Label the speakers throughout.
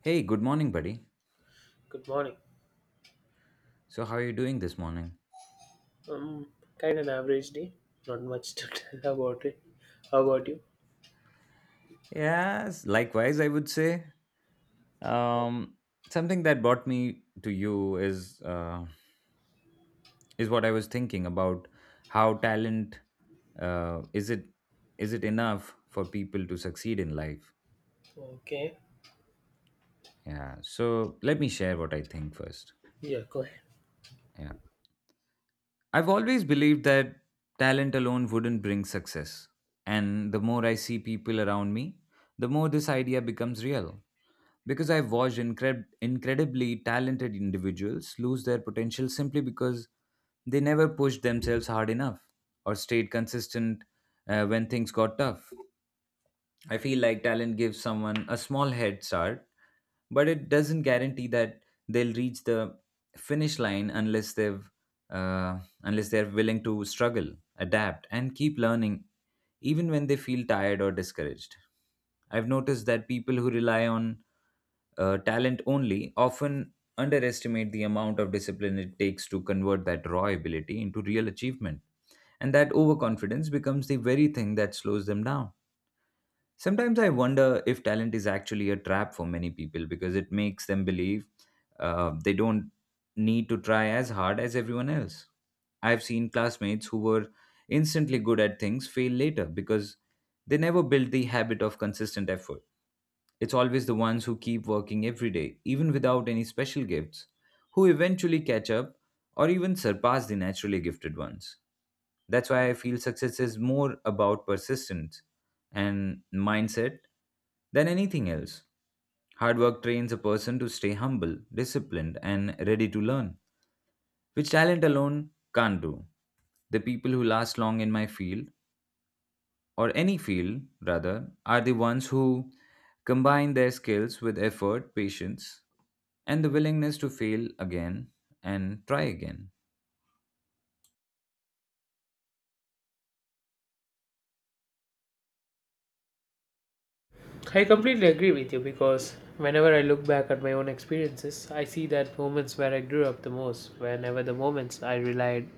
Speaker 1: Hey, good morning, buddy.
Speaker 2: Good morning.
Speaker 1: So, how are you doing this morning?
Speaker 2: Um, Kind of an average day. Not much to tell about it. How about you?
Speaker 1: Yes, likewise, I would say. Um, Something that brought me to you is what I was thinking about how talent uh, is it is it enough for people to succeed in life?
Speaker 2: Okay.
Speaker 1: Yeah. So let me share what I think first.
Speaker 2: Yeah, go ahead.
Speaker 1: Yeah, I've always believed that talent alone wouldn't bring success, and the more I see people around me, the more this idea becomes real. Because I've watched incredibly talented individuals lose their potential simply because they never pushed themselves hard enough or stayed consistent when things got tough. I feel like talent gives someone a small head start, but it doesn't guarantee that they'll reach the finish line unless they've unless they're willing to struggle, adapt, and keep learning even when they feel tired or discouraged. I've noticed that people who rely on talent only often underestimate the amount of discipline it takes to convert that raw ability into real achievement. And that overconfidence becomes the very thing that slows them down. Sometimes I wonder if talent is actually a trap for many people because it makes them believe they don't need to try as hard as everyone else. I've seen classmates who were instantly good at things fail later because they never built the habit of consistent effort. It's always the ones who keep working every day, even without any special gifts, who eventually catch up or even surpass the naturally gifted ones. That's why I feel success is more about persistence and mindset than anything else. Hard work trains a person to stay humble, disciplined, and ready to learn, which talent alone can't do. The people who last long in my field or any field rather, are the ones who combine their skills with effort, patience, and the willingness to fail again and try again.
Speaker 2: I completely agree with you because whenever I look back at my own experiences, I see that moments where I grew up the most, whenever the moments I relied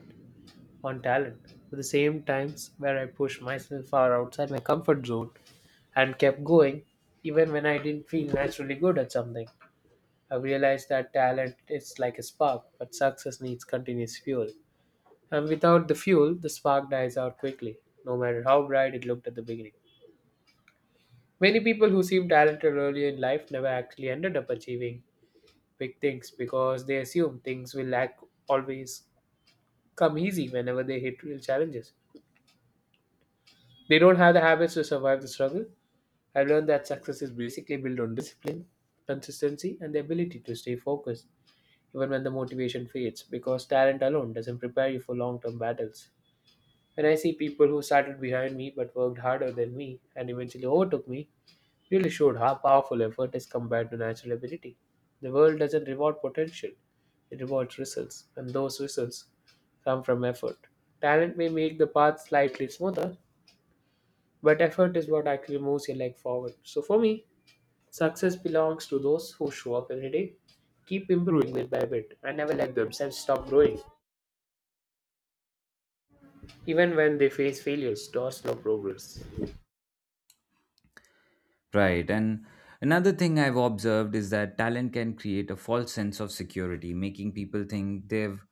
Speaker 2: on talent, but the same times where I pushed myself far outside my comfort zone and kept going, even when I didn't feel naturally good at something. I realized that talent is like a spark, but success needs continuous fuel. And without the fuel, the spark dies out quickly, no matter how bright it looked at the beginning. Many people who seem talented early in life never actually ended up achieving big things because they assume things will lack, always come easy whenever they hit real challenges. They don't have the habits to survive the struggle. I have learned that success is basically built on discipline, consistency, and the ability to stay focused even when the motivation fades, because talent alone doesn't prepare you for long term battles. When I see people who started behind me but worked harder than me and eventually overtook me, really showed how powerful effort is compared to natural ability. The world doesn't reward potential, it rewards results, and those results come from effort. Talent may make the path slightly smoother, but effort is what actually moves your leg forward. So for me, success belongs to those who show up every day, keep improving bit by bit, and never let themselves stop growing, even when they face failures or slow progress.
Speaker 1: Right. And another thing I've observed is that talent can create a false sense of security, making people think they've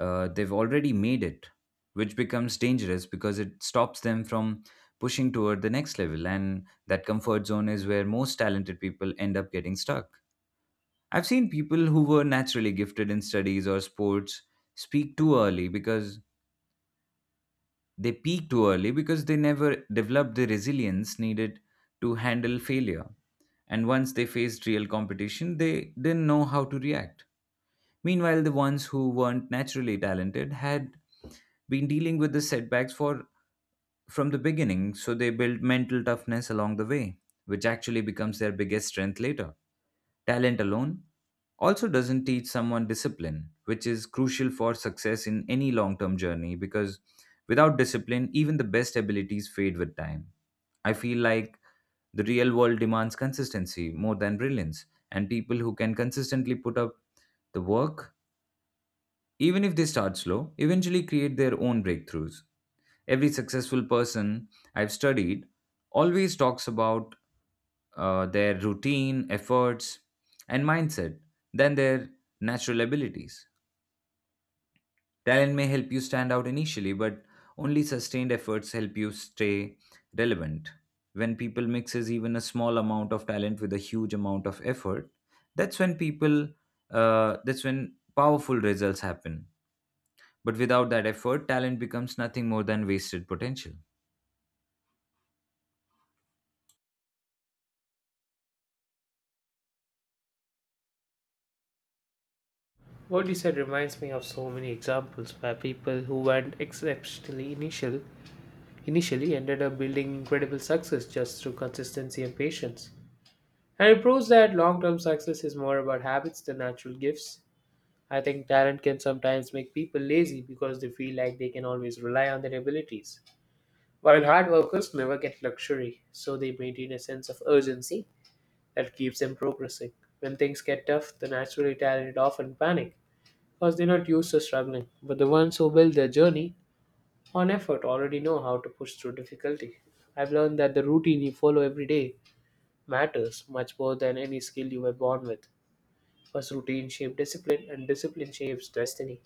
Speaker 1: uh, they've already made it, which becomes dangerous because it stops them from pushing toward the next level. And that comfort zone is where most talented people end up getting stuck. I've seen people who were naturally gifted in studies or sports speak too early because they peak too early because they never developed the resilience needed to handle failure. And once they faced real competition, they didn't know how to react. Meanwhile, the ones who weren't naturally talented had been dealing with the setbacks for from the beginning, so they built mental toughness along the way, which actually becomes their biggest strength later. Talent alone also doesn't teach someone discipline, which is crucial for success in any long term journey because without discipline, even the best abilities fade with time. I feel like the real world demands consistency more than brilliance, and people who can consistently put up the work, even if they start slow, eventually create their own breakthroughs. Every successful person I've studied always talks about their routine, efforts, and mindset than their natural abilities. Talent may help you stand out initially, but only sustained efforts help you stay relevant. When people mixes even a small amount of talent with a huge amount of effort, that's when people that's when powerful results happen. But without that effort, talent becomes nothing more than wasted potential.
Speaker 2: What you said reminds me of so many examples where people who weren't exceptionally initially ended up building incredible success just through consistency and patience. And it proves that long-term success is more about habits than natural gifts. I think talent can sometimes make people lazy because they feel like they can always rely on their abilities. While hard workers never get luxury, so they maintain a sense of urgency that keeps them progressing. When things get tough, the naturally talented often panic because they're not used to struggling. But the ones who build their journey on effort already know how to push through difficulty. I've learned that the routine you follow every day matters much more than any skill you were born with. First, routine shapes discipline, and discipline shapes destiny.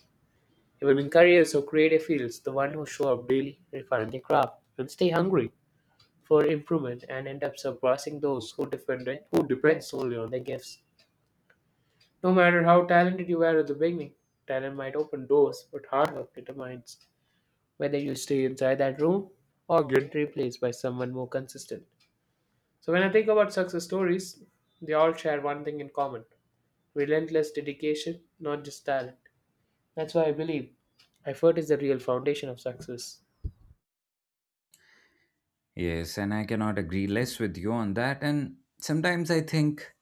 Speaker 2: Even in careers or creative fields, the one who show up daily, refine their craft, and stay hungry for improvement and end up surpassing those who depend solely on their gifts. No matter how talented you were at the beginning, talent might open doors, but hard work determines whether you stay inside that room or get replaced by someone more consistent. So, when I think about success stories, they all share one thing in common, relentless dedication, not just talent. That's why I believe effort is the real foundation of success.
Speaker 1: Yes, and I cannot agree less with you on that. And sometimes I think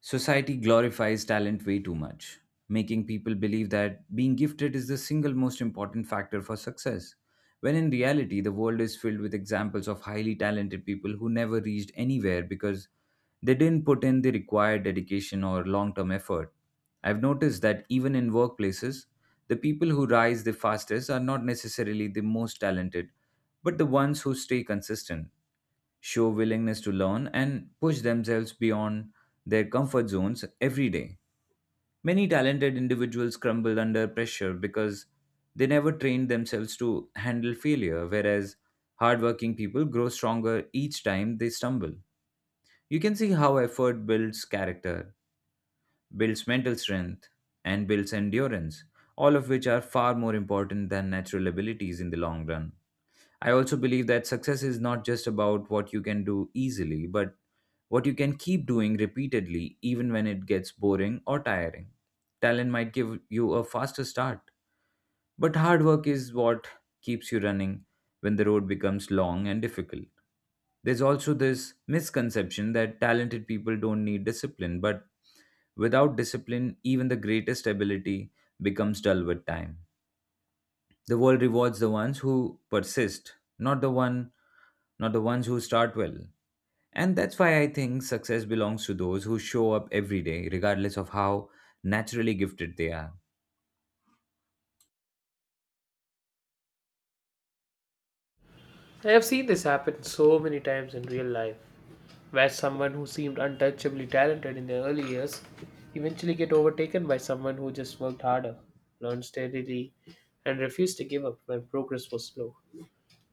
Speaker 1: society glorifies talent way too much, making people believe that being gifted is the single most important factor for success, when in reality, the world is filled with examples of highly talented people who never reached anywhere because they didn't put in the required dedication or long term effort. I've noticed that even in workplaces, the people who rise the fastest are not necessarily the most talented, but the ones who stay consistent, show willingness to learn and push themselves beyond their comfort zones every day. Many talented individuals crumble under pressure because they never trained themselves to handle failure, whereas hardworking people grow stronger each time they stumble. You can see how effort builds character, builds mental strength, and builds endurance, all of which are far more important than natural abilities in the long run. I also believe that success is not just about what you can do easily, but what you can keep doing repeatedly, even when it gets boring or tiring. Talent might give you a faster start, but hard work is what keeps you running when the road becomes long and difficult. There's also this misconception that talented people don't need discipline, but without discipline, even the greatest ability becomes dull with time. The world rewards the ones who persist, not the one not the ones who start well. And that's why I think success belongs to those who show up every day, regardless of how naturally gifted they are.
Speaker 2: I have seen this happen so many times in real life, where someone who seemed untouchably talented in their early years eventually get overtaken by someone who just worked harder, learned steadily, and refused to give up when progress was slow.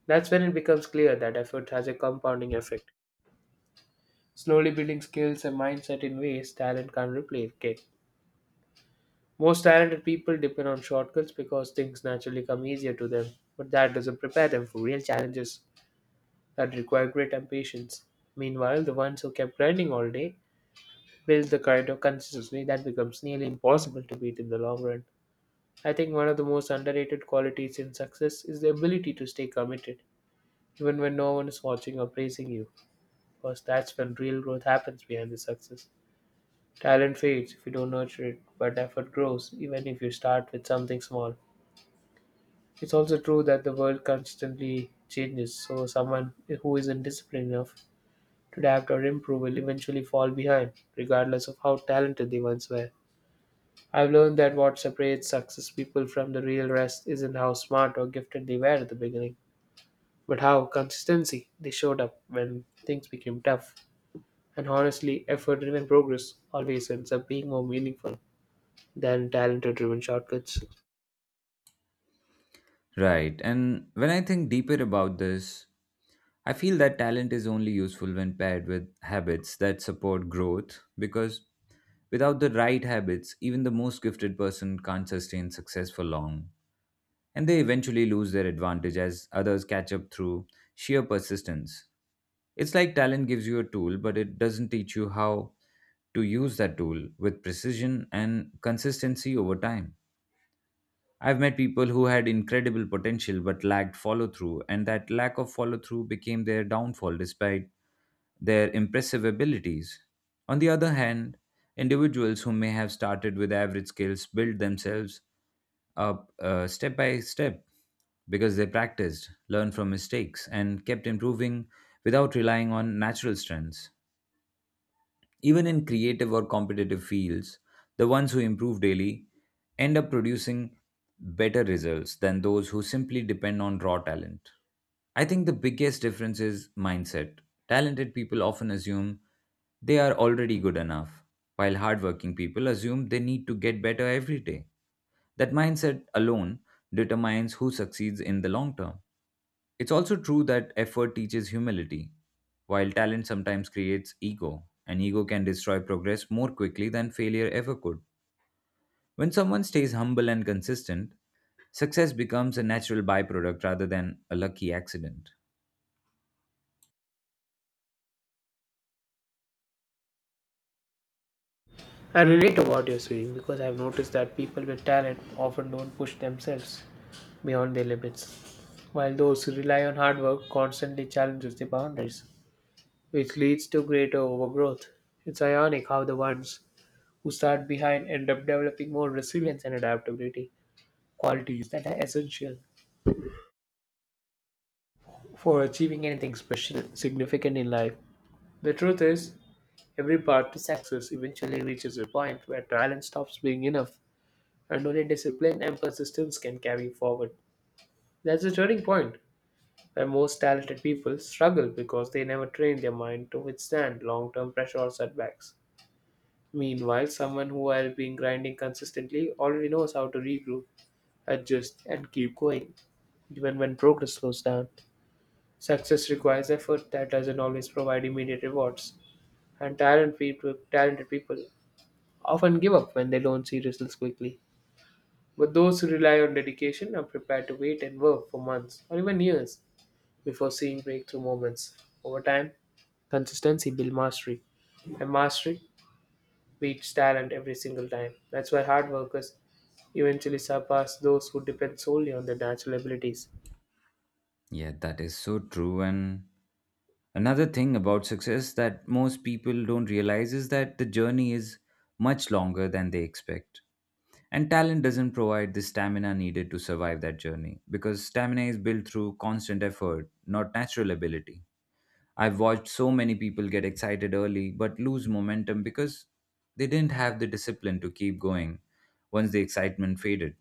Speaker 2: That's when it becomes clear that effort has a compounding effect, slowly building skills and mindset in ways talent can't replicate. Most talented people depend on shortcuts because things naturally come easier to them, but that doesn't prepare them for real challenges that require grit and patience. Meanwhile, the ones who kept grinding all day build the kind of consistency that becomes nearly impossible to beat in the long run. I think one of the most underrated qualities in success is the ability to stay committed, even when no one is watching or praising you, because that's when real growth happens behind the success. Talent fades if you don't nurture it, but effort grows even if you start with something small. It's also true that the world constantly changes, so someone who isn't disciplined enough to adapt or improve will eventually fall behind, regardless of how talented they once were. I've learned that what separates success people from the real rest isn't how smart or gifted they were at the beginning, but how consistency they showed up when things became tough. And honestly, effort-driven progress always ends up being more meaningful than talent-driven shortcuts.
Speaker 1: Right. And when I think deeper about this, I feel that talent is only useful when paired with habits that support growth because without the right habits, even the most gifted person can't sustain success for long, and they eventually lose their advantage as others catch up through sheer persistence. It's like talent gives you a tool, but it doesn't teach you how to use that tool with precision and consistency over time. I've met people who had incredible potential but lacked follow through, and that lack of follow through became their downfall despite their impressive abilities. On the other hand, individuals who may have started with average skills built themselves up step by step because they practiced, learned from mistakes, and kept improving without relying on natural strengths. Even in creative or competitive fields, the ones who improve daily end up producing better results than those who simply depend on raw talent. I think the biggest difference is mindset. Talented people often assume they are already good enough, while hardworking people assume they need to get better every day. That mindset alone determines who succeeds in the long term. It's also true that effort teaches humility while talent sometimes creates ego, and ego can destroy progress more quickly than failure ever could. When someone stays humble and consistent, success becomes a natural byproduct rather than a lucky accident.
Speaker 2: I relate to what you're saying because I've noticed that people with talent often don't push themselves beyond their limits, while those who rely on hard work constantly challenges their boundaries, which leads to greater overgrowth. It's ironic how the ones who start behind end up developing more resilience and adaptability, qualities that are essential for achieving anything special, significant in life. The truth is, every party's success eventually reaches a point where talent stops being enough and only discipline and persistence can carry forward. That's the turning point where most talented people struggle because they never train their mind to withstand long term pressure or setbacks. Meanwhile, someone who has been grinding consistently already knows how to regroup, adjust, and keep going, even when progress slows down. Success requires effort that doesn't always provide immediate rewards, and talented people often give up when they don't see results quickly. But those who rely on dedication are prepared to wait and work for months or even years before seeing breakthrough moments. Over time, consistency builds mastery, and mastery beats talent every single time. That's why hard workers eventually surpass those who depend solely on their natural abilities.
Speaker 1: Yeah, that is so true. And another thing about success that most people don't realize is that the journey is much longer than they expect. And talent doesn't provide the stamina needed to survive that journey because stamina is built through constant effort, not natural ability. I've watched so many people get excited early but lose momentum because they didn't have the discipline to keep going once the excitement faded.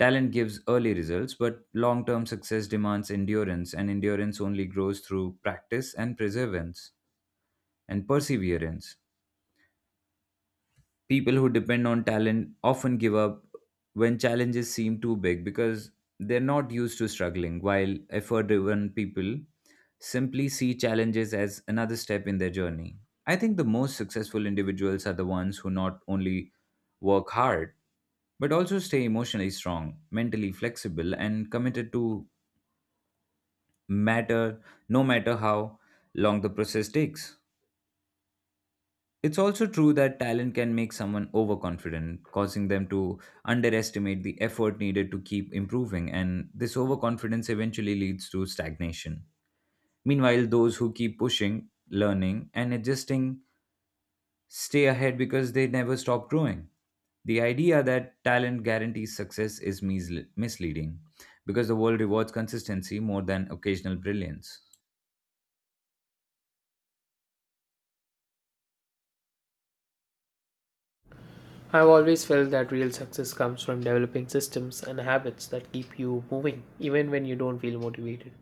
Speaker 1: Talent gives early results, but long term success demands endurance, and endurance only grows through practice and perseverance. People who depend on talent often give up when challenges seem too big because they're not used to struggling, while effort driven people simply see challenges as another step in their journey. I think the most successful individuals are the ones who not only work hard, but also stay emotionally strong, mentally flexible, and committed to matter no matter how long the process takes. It's also true that talent can make someone overconfident, causing them to underestimate the effort needed to keep improving, and this overconfidence eventually leads to stagnation. Meanwhile, those who keep pushing, learning, and adjusting stay ahead because they never stop growing. The idea that talent guarantees success is misleading because the world rewards consistency more than occasional brilliance.
Speaker 2: I've always felt that real success comes from developing systems and habits that keep you moving even when you don't feel motivated.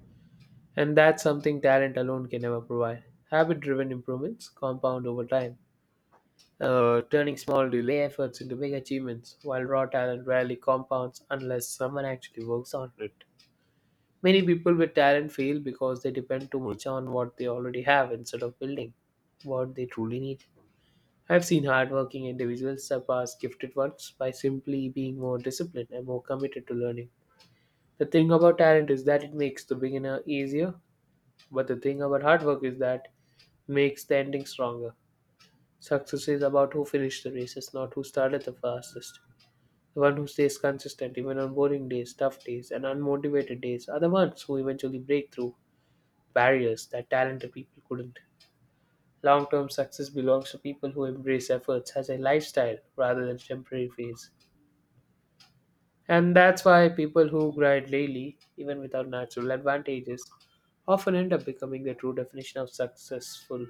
Speaker 2: And that's something talent alone can never provide. Habit driven improvements compound over time, turning small delay efforts into big achievements, while raw talent rarely compounds unless someone actually works on it. Many people with talent fail because they depend too much on what they already have instead of building what they truly need. I've seen hardworking individuals surpass gifted ones by simply being more disciplined and more committed to learning. The thing about talent is that it makes the beginner easier. But the thing about hard work is that makes the ending stronger. Success is about who finished the races, not who started the fastest. The one who stays consistent even on boring days, tough days, and unmotivated days are the ones who eventually break through barriers that talented people couldn't. Long term success belongs to people who embrace efforts as a lifestyle rather than temporary phase. And that's why people who grind daily, even without natural advantages, often end up becoming the true definition of successful.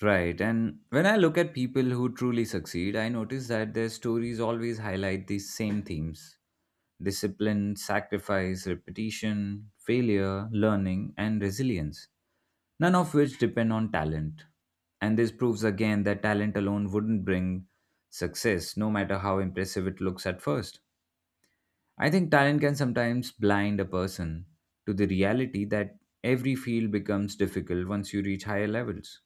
Speaker 1: Right. And when I look at people who truly succeed, I notice that their stories always highlight these same themes: discipline, sacrifice, repetition, failure, learning, and resilience, none of which depend on talent. And this proves again that talent alone wouldn't bring success, no matter how impressive it looks at first. I think talent can sometimes blind a person to the reality that every field becomes difficult once you reach higher levels,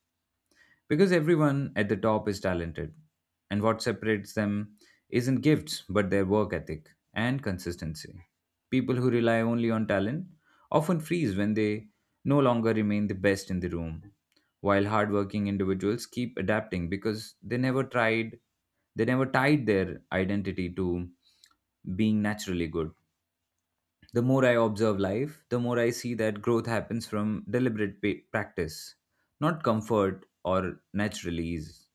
Speaker 1: because everyone at the top is talented, and what separates them isn't gifts but their work ethic and consistency. People who rely only on talent often freeze when they no longer remain the best in the room, while hardworking individuals keep adapting because they never tied their identity to being naturally good. The more I observe life, the more I see that growth happens from deliberate practice, not comfort or natural ease.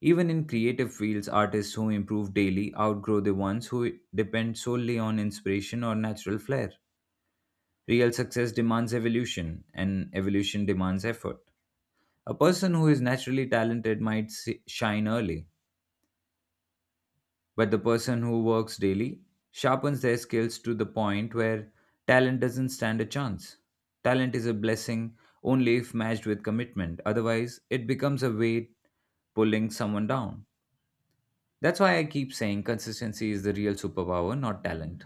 Speaker 1: Even in creative fields, artists who improve daily outgrow the ones who depend solely on inspiration or natural flair. Real success demands evolution, and evolution demands effort. A person who is naturally talented might shine early, but the person who works daily sharpens their skills to the point where talent doesn't stand a chance. Talent is a blessing only if matched with commitment, otherwise, it becomes a weight pulling someone down. That's why I keep saying consistency is the real superpower, not talent.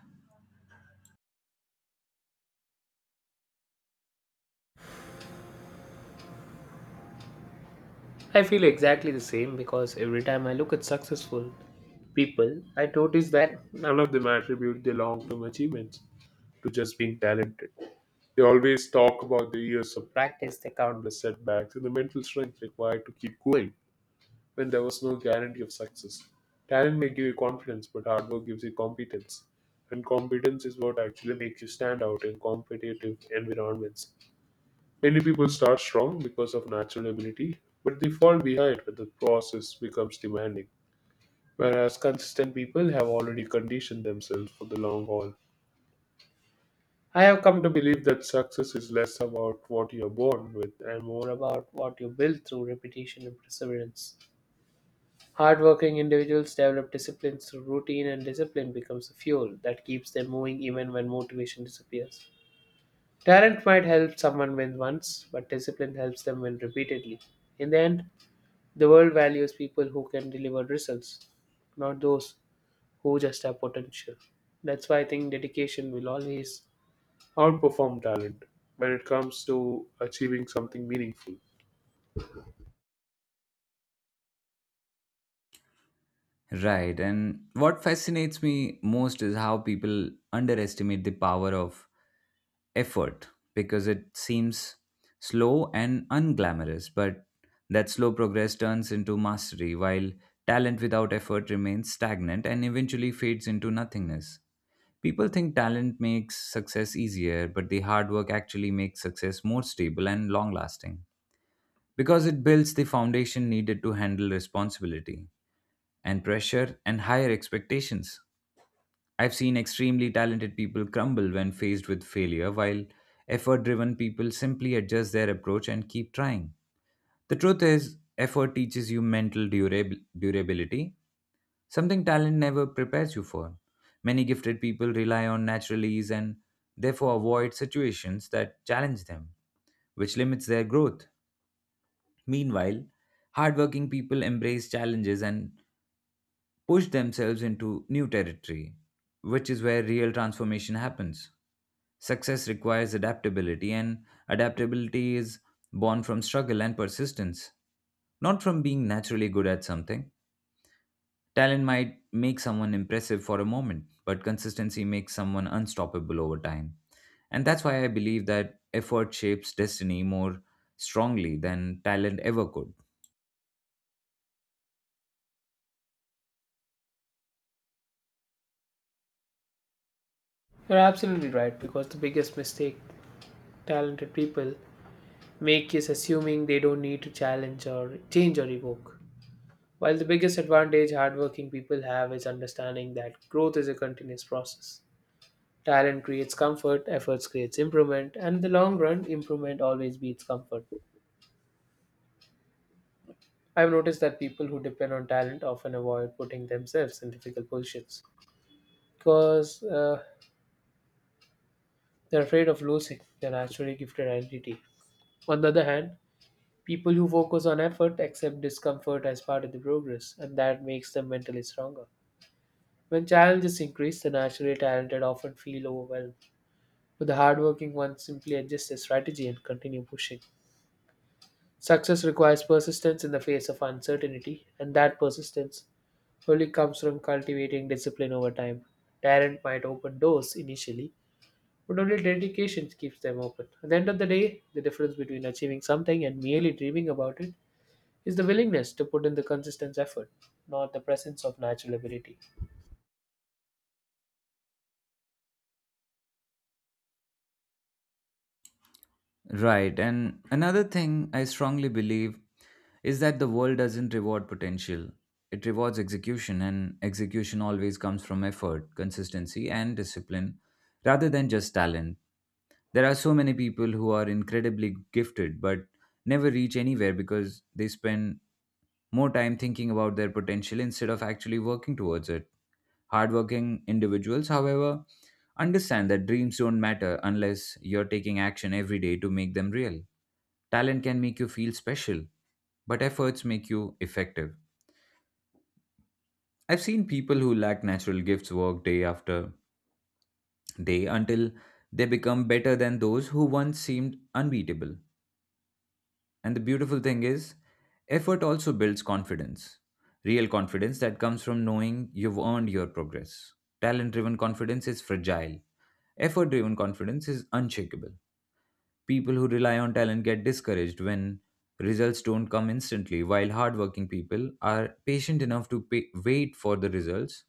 Speaker 2: I feel exactly the same because every time I look at successful people, I notice that none of them attribute their long term achievements to just being talented. They always talk about the years of practice, the countless setbacks, and the mental strength required to keep going when there was no guarantee of success. Talent may give you confidence, but hard work gives you competence. And competence is what actually makes you stand out in competitive environments. Many people start strong because of natural ability, but they fall behind when the process becomes demanding, whereas consistent people have already conditioned themselves for the long haul. I have come to believe that success is less about what you are born with and more about what you build through repetition and perseverance. Hardworking individuals develop discipline through routine, and discipline becomes a fuel that keeps them moving even when motivation disappears. Talent might help someone win once, but discipline helps them win repeatedly. In the end, the world values people who can deliver results, not those who just have potential. That's why I think dedication will always outperform talent when it comes to achieving something meaningful.
Speaker 1: Right. And what fascinates me most is how people underestimate the power of effort because it seems slow and unglamorous, but that slow progress turns into mastery while talent without effort remains stagnant and eventually fades into nothingness. People think talent makes success easier, but the hard work actually makes success more stable and long lasting because it builds the foundation needed to handle responsibility and pressure and higher expectations. I've seen extremely talented people crumble when faced with failure, while effort driven people simply adjust their approach and keep trying. The truth is, effort teaches you mental durability, something talent never prepares you for. Many gifted people rely on natural ease and therefore avoid situations that challenge them, which limits their growth. Meanwhile, hardworking people embrace challenges and push themselves into new territory, which is where real transformation happens. Success requires adaptability, and adaptability is born from struggle and persistence, not from being naturally good at something. Talent might make someone impressive for a moment, but consistency makes someone unstoppable over time. And that's why I believe that effort shapes destiny more strongly than talent ever could.
Speaker 2: You're absolutely right, because the biggest mistake talented people make is assuming they don't need to challenge or change or evoke. While the biggest advantage hardworking people have is understanding that growth is a continuous process. Talent creates comfort, efforts creates improvement, and in the long run, improvement always beats comfort. I've noticed that people who depend on talent often avoid putting themselves in difficult positions because they're afraid of losing their naturally gifted identity. On the other hand, people who focus on effort accept discomfort as part of the progress, and that makes them mentally stronger. When challenges increase, the naturally talented often feel overwhelmed, but the hardworking ones simply adjust their strategy and continue pushing. Success requires persistence in the face of uncertainty, and that persistence only comes from cultivating discipline over time. Talent might open doors initially, but only dedication keeps them open. At the end of the day, the difference between achieving something and merely dreaming about it is the willingness to put in the consistent effort, not the presence of natural ability.
Speaker 1: Right. And another thing I strongly believe is that the world doesn't reward potential. It rewards execution, and execution always comes from effort, consistency, and discipline rather than just talent. There are so many people who are incredibly gifted but never reach anywhere because they spend more time thinking about their potential instead of actually working towards it. Hardworking individuals, however, understand that dreams don't matter unless you're taking action every day to make them real. Talent can make you feel special, but efforts make you effective. I've seen people who lack natural gifts work day after day until they become better than those who once seemed unbeatable. And the beautiful thing is, effort also builds confidence, real confidence that comes from knowing you've earned your progress. Talent driven confidence is fragile, effort driven confidence is unshakable. People who rely on talent get discouraged when results don't come instantly, while hardworking people are patient enough to pay, wait for the results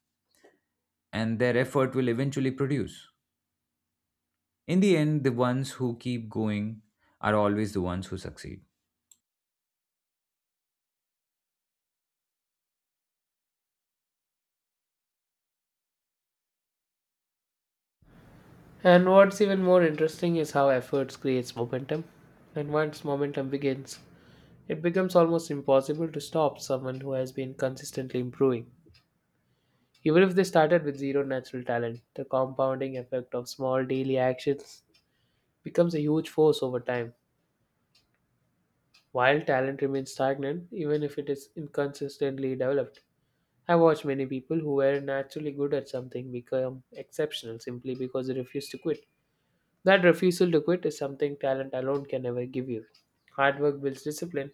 Speaker 1: and their effort will eventually produce. In the end, the ones who keep going are always the ones who succeed.
Speaker 2: And what's even more interesting is how efforts creates momentum. And once momentum begins, it becomes almost impossible to stop someone who has been consistently improving. Even if they started with zero natural talent, the compounding effect of small daily actions becomes a huge force over time. While talent remains stagnant, even if it is inconsistently developed, I watch many people who were naturally good at something become exceptional simply because they refuse to quit. That refusal to quit is something talent alone can never give you. Hard work builds discipline,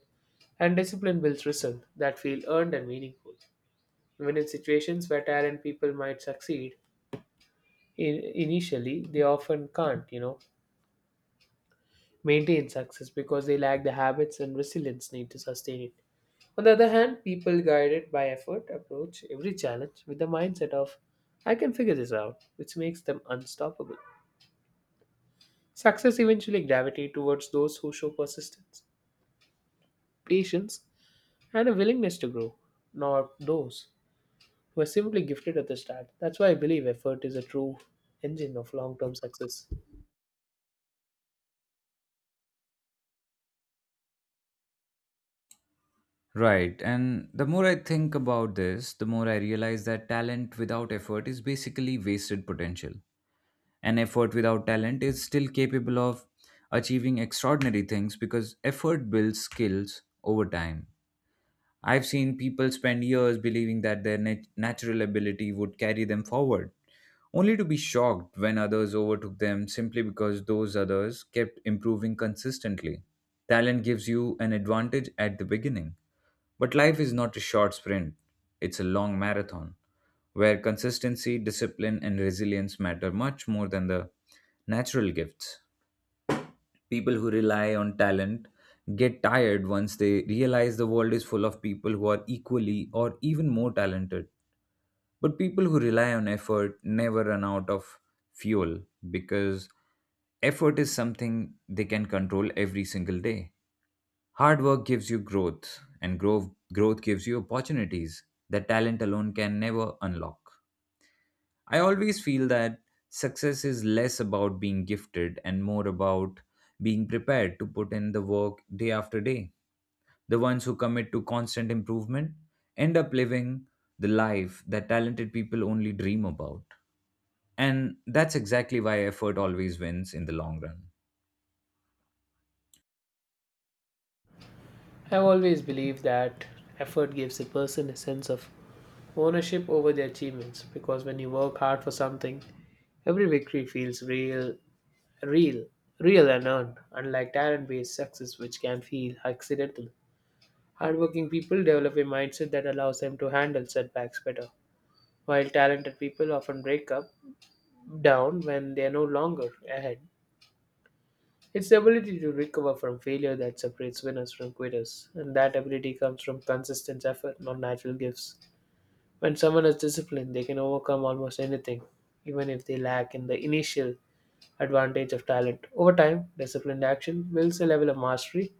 Speaker 2: and discipline builds results that feel earned and meaningful. Even in situations where talent people might succeed, initially they often can't, you know, maintain success because they lack the habits and resilience needed to sustain it. On the other hand, people guided by effort approach every challenge with the mindset of I can figure this out, which makes them unstoppable. Success eventually gravitates towards those who show persistence, patience, and a willingness to grow, not those who are simply gifted at the start. That's why I believe effort is a true engine of long-term success.
Speaker 1: Right, and the more I think about this, the more I realize that talent without effort is basically wasted potential. And effort without talent is still capable of achieving extraordinary things because effort builds skills over time. I've seen people spend years believing that their natural ability would carry them forward only to be shocked when others overtook them simply because those others kept improving consistently. Talent gives you an advantage at the beginning, but life is not a short sprint, it's a long marathon where consistency, discipline, and resilience matter much more than the natural gifts. People who rely on talent get tired once they realize the world is full of people who are equally or even more talented. But people who rely on effort never run out of fuel because effort is something they can control every single day. Hard work gives you growth, and growth, gives you opportunities that talent alone can never unlock. I always feel that success is less about being gifted and more about being prepared to put in the work day after day. The ones who commit to constant improvement end up living the life that talented people only dream about. And that's exactly why effort always wins in the long run.
Speaker 2: I've always believed that effort gives a person a sense of ownership over their achievements because when you work hard for something, every victory feels real, real and earned, unlike talent based success, which can feel accidental. Hardworking people develop a mindset that allows them to handle setbacks better, while talented people often break up down when they are no longer ahead. It's the ability to recover from failure that separates winners from quitters, and that ability comes from consistent effort, not natural gifts. When someone is disciplined, they can overcome almost anything, even if they lack in the initial advantage of talent. Over time, disciplined action builds a level of mastery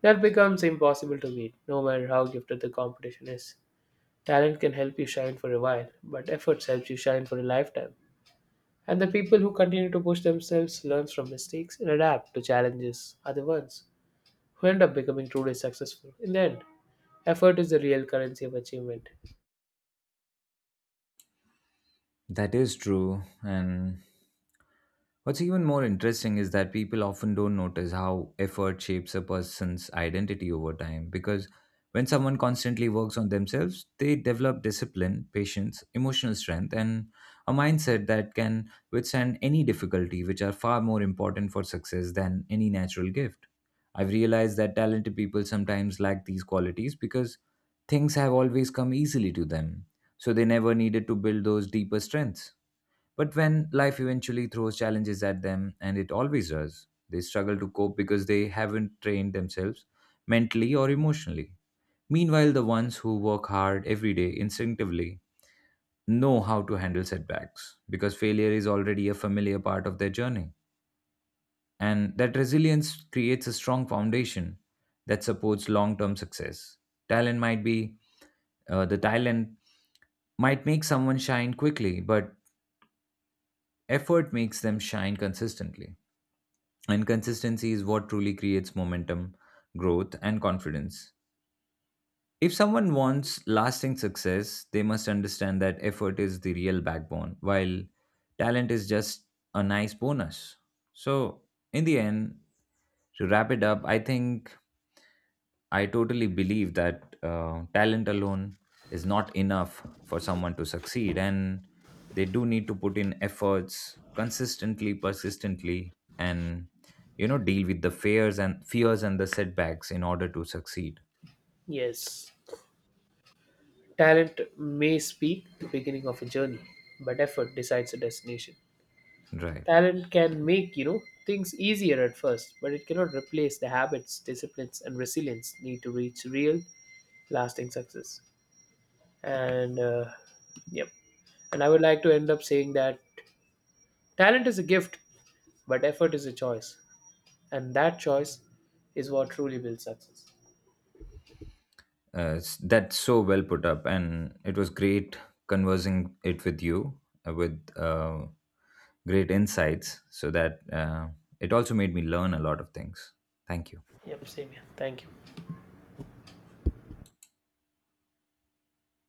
Speaker 2: that becomes impossible to meet, no matter how gifted the competition is. Talent can help you shine for a while, but efforts helps you shine for a lifetime. And the people who continue to push themselves learn from mistakes and adapt to challenges are the ones who end up becoming truly successful. In the end, effort is the real currency of achievement.
Speaker 1: That is true. And what's even more interesting is that people often don't notice how effort shapes a person's identity over time because when someone constantly works on themselves, they develop discipline, patience, emotional strength, and a mindset that can withstand any difficulty, which are far more important for success than any natural gift. I've realized that talented people sometimes lack these qualities because things have always come easily to them, so they never needed to build those deeper strengths. But when life eventually throws challenges at them, and it always does, they struggle to cope because they haven't trained themselves mentally or emotionally. Meanwhile, the ones who work hard every day instinctively know how to handle setbacks because failure is already a familiar part of their journey. And that resilience creates a strong foundation that supports long term success. Talent might be the talent might make someone shine quickly, but effort makes them shine consistently. And consistency is what truly creates momentum, growth, and confidence. If someone wants lasting success, they must understand that effort is the real backbone, while talent is just a nice bonus. So, in the end, to wrap it up, I think I totally believe that talent alone is not enough for someone to succeed, and they do need to put in efforts consistently, persistently, and deal with the fears and the setbacks in order to succeed.
Speaker 2: Yes, talent may speak the beginning of a journey, but effort decides the destination.
Speaker 1: Right.
Speaker 2: Talent can make, you know, things easier at first, but it cannot replace the habits, disciplines, and resilience need to reach real, lasting success. And yep. And I would like to end up saying that talent is a gift, but effort is a choice, and that choice is what truly builds success.
Speaker 1: That's so well put up, and it was great conversing it with you with great insights, so that it also made me learn a lot of things. Thank you.
Speaker 2: Yep, same here. Thank you.